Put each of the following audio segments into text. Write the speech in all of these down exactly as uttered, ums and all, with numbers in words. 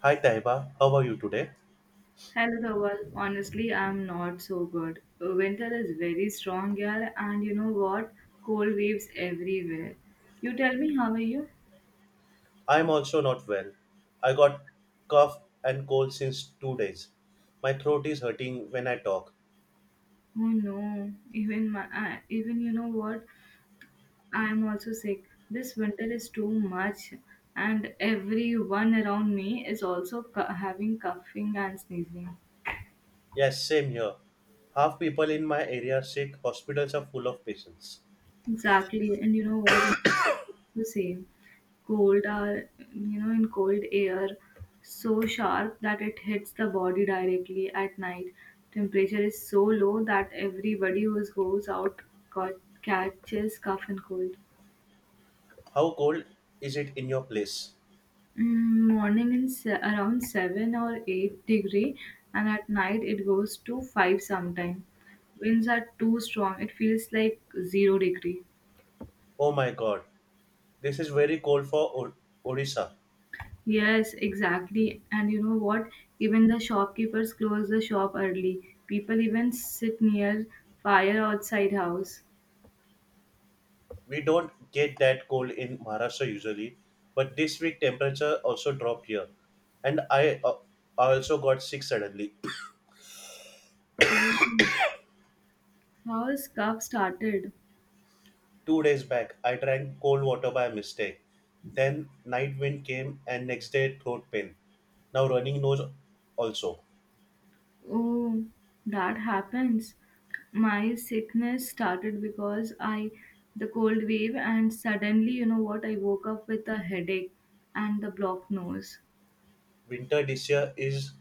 Hi Taiba, how are you today? Hello, Dhaval. Honestly, I'm not so good. Uh, Winter is very strong, girl, and you know what? Cold waves everywhere. You tell me, how are you? I'm also not well. I got cough and cold since two days. My throat is hurting when I talk. Oh no, even my, I even you know what? I'm also sick. This winter is too much, and everyone around me is also cu- having coughing and sneezing. Yes, same here. Half people in my area are sick. Hospitals are full of patients. Exactly, and you know what? It's the same. Cold are, you know, in cold air, so sharp that it hits the body directly at night. Temperature is so low that everybody who goes out got, catches cough and cold. How cold is it in your place? Mm, Morning in se- around seven or eight degree, and at night it goes to five sometime. Winds are too strong, it feels like zero degree. Oh my god, this is very cold for o- Odisha. Yes, exactly. And you know what? Even the shopkeepers close the shop early. People even sit near fire outside house. We don't get that cold in Maharashtra usually, but this week temperature also dropped here, and I uh, I also got sick suddenly. Oh, how is cough started? Two days back, I drank cold water by mistake. Then night wind came and next day throat pain. Now running nose also. Oh, that happens. My sickness started because I the cold wave and suddenly, you know what? I woke up with a headache and the blocked nose. Winter this year is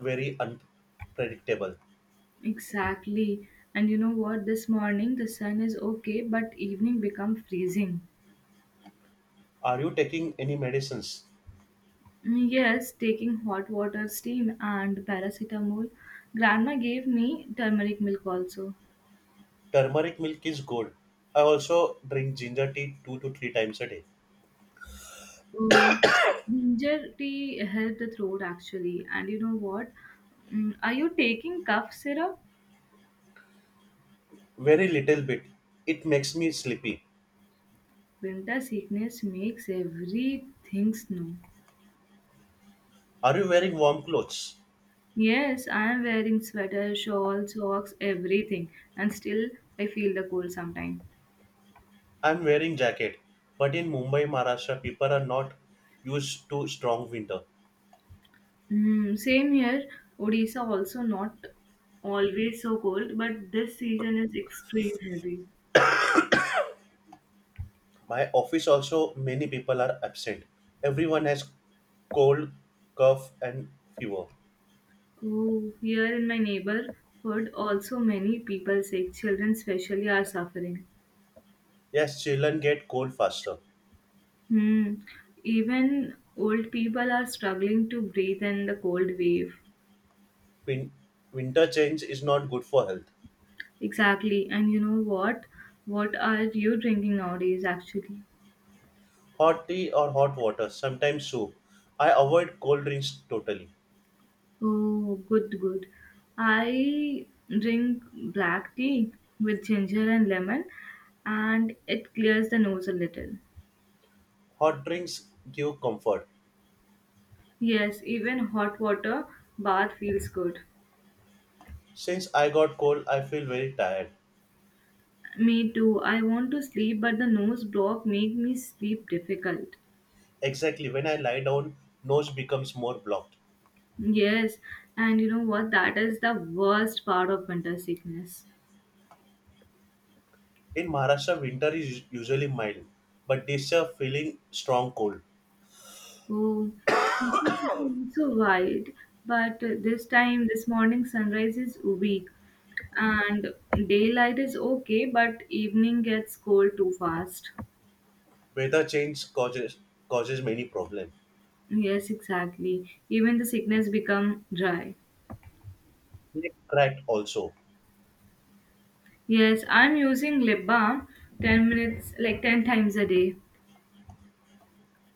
very unpredictable. Exactly. And you know what? This morning the sun is okay, but evening become freezing. Are you taking any medicines? Mm, Yes, taking hot water, steam, and paracetamol. Grandma gave me turmeric milk also. Turmeric milk is good. I also drink ginger tea two to three times a day. Oh, ginger tea helped the throat actually. And you know what? Mm, Are you taking cough syrup? Very little bit. It makes me sleepy. Winter sickness makes everything snow. Are you wearing warm clothes? Yes, I am wearing sweater, shawl, socks, everything, and still I feel the cold sometimes. I'm wearing jacket. But in Mumbai, Maharashtra, people are not used to strong winter. Mm, same here. Odisha also not always so cold, but this season is extreme heavy. My office also many people are absent. Everyone has cold, cough and fever. Oh, here in my neighborhood, also many people sick. Children especially are suffering. Yes, children get cold faster. Hmm. Even old people are struggling to breathe in the cold wave. Win- Winter change is not good for health. Exactly. And you know what? What are you drinking nowadays, actually? Hot tea or hot water, sometimes soup. I avoid cold drinks totally. Oh, good, good. I drink black tea with ginger and lemon, and it clears the nose a little. Hot drinks give comfort. Yes, even hot water bath feels good. Since I got cold, I feel very tired. Me too. I want to sleep, but the nose block make me sleep difficult. Exactly, when I lie down, nose becomes more blocked. Yes, and you know what? That is the worst part of winter sickness. In Maharashtra, winter is usually mild, but this year feeling strong cold. Oh, it's so wide. But uh, this time, this morning sunrise is weak, and daylight is okay, but evening gets cold too fast. Weather change causes causes many problems. Yes, exactly. Even the sickness become dry. Lake cracked also. Yes, I'm using lip balm ten minutes, like ten times a day.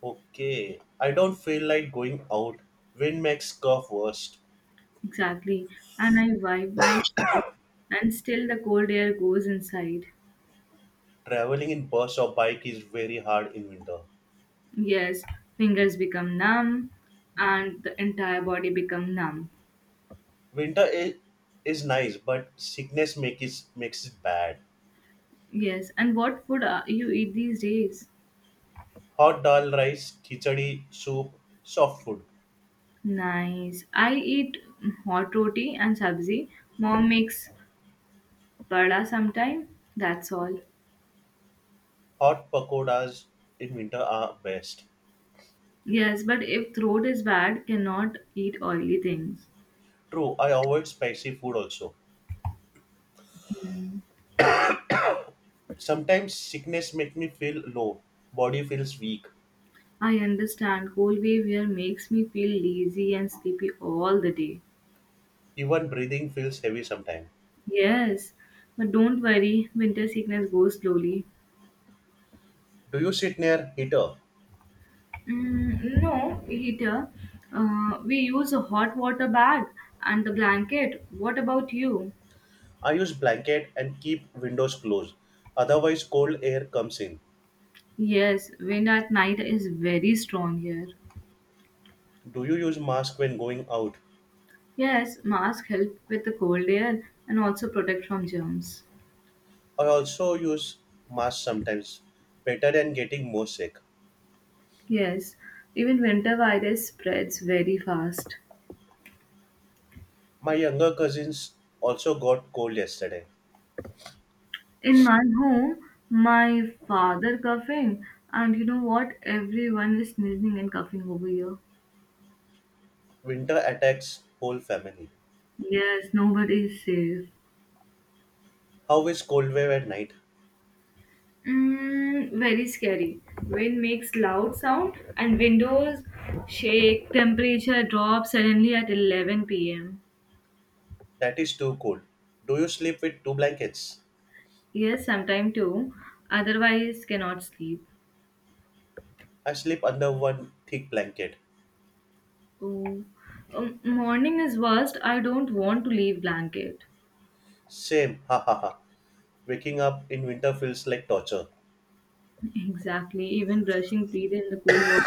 Okay. I don't feel like going out. Wind makes cough worst. Exactly. And I wipe my skin, and still the cold air goes inside. Traveling in bus or bike is very hard in winter. Yes, fingers become numb, and the entire body become numb. Winter is, is nice, but sickness make it, makes it bad. Yes, and what food uh, you eat these days? Hot dal rice, khichdi, soup, soft food. Nice. I eat hot roti and sabzi. Mom makes vada sometime. That's all. Hot pakodas in winter are best. Yes, but if throat is bad, cannot eat oily things. True, I avoid spicy food also. Hmm. Sometimes sickness make me feel low. Body feels weak. I understand. Cold wave here makes me feel lazy and sleepy all the day. Even breathing feels heavy sometimes. Yes, but don't worry. Winter sickness goes slowly. Do you sit near heater? Mm, no heater. Uh, we use a hot water bag and the blanket. What about you? I use blanket and keep windows closed. Otherwise cold air comes in. Yes, wind at night is very strong here. Do you use mask when going out? Yes, mask help with the cold air and also protect from germs. I also use mask sometimes. Better than getting more sick. Yes, even winter virus spreads very fast. My younger cousins also got cold yesterday. In my home, my father coughing, and you know what? Everyone is sneezing and coughing over here. Winter attacks whole family. Yes, nobody is safe. How is cold wave at night? Mm, very scary. Wind makes loud sound and windows shake. Temperature drops suddenly at eleven p m. That is too cold. Do you sleep with two blankets? Yes, sometime too. Otherwise, cannot sleep. I sleep under one thick blanket. Oh, um, morning is worst. I don't want to leave blanket. Same, ha ha ha. Waking up in winter feels like torture. Exactly. Even brushing teeth in the cold water.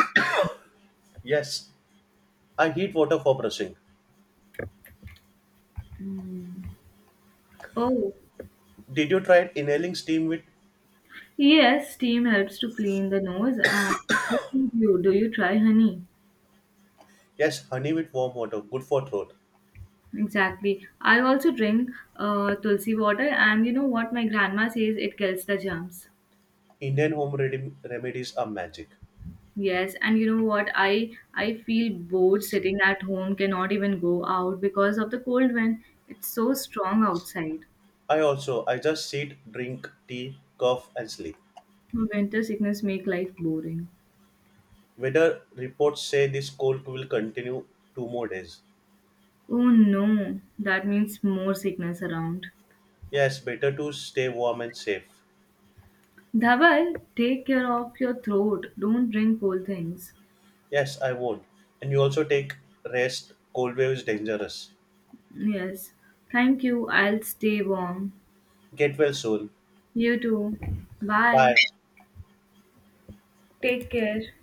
Yes, I heat water for brushing. Mm. Oh, Did you try inhaling steam with? yes. Steam helps to clean the nose. And what do you do? You try honey. Yes, honey with warm water, good for throat. Exactly. I also drink uh, tulsi water, and you know what my grandma says, it kills the germs. Indian home redi- remedies are magic. Yes, and you know what I I feel bored sitting at home, cannot even go out because of the cold wind. It's so strong outside. I also, I just sit, drink tea, cough, and sleep. Winter sickness make life boring. Weather reports say this cold will continue two more days. Oh no, that means more sickness around. Yes, better to stay warm and safe. Dhaval, take care of your throat. Don't drink cold things. Yes, I won't. And you also take rest. Cold wave is dangerous. Yes. Thank you. I'll stay warm. Get well soon. You too. Bye. Bye. Take care.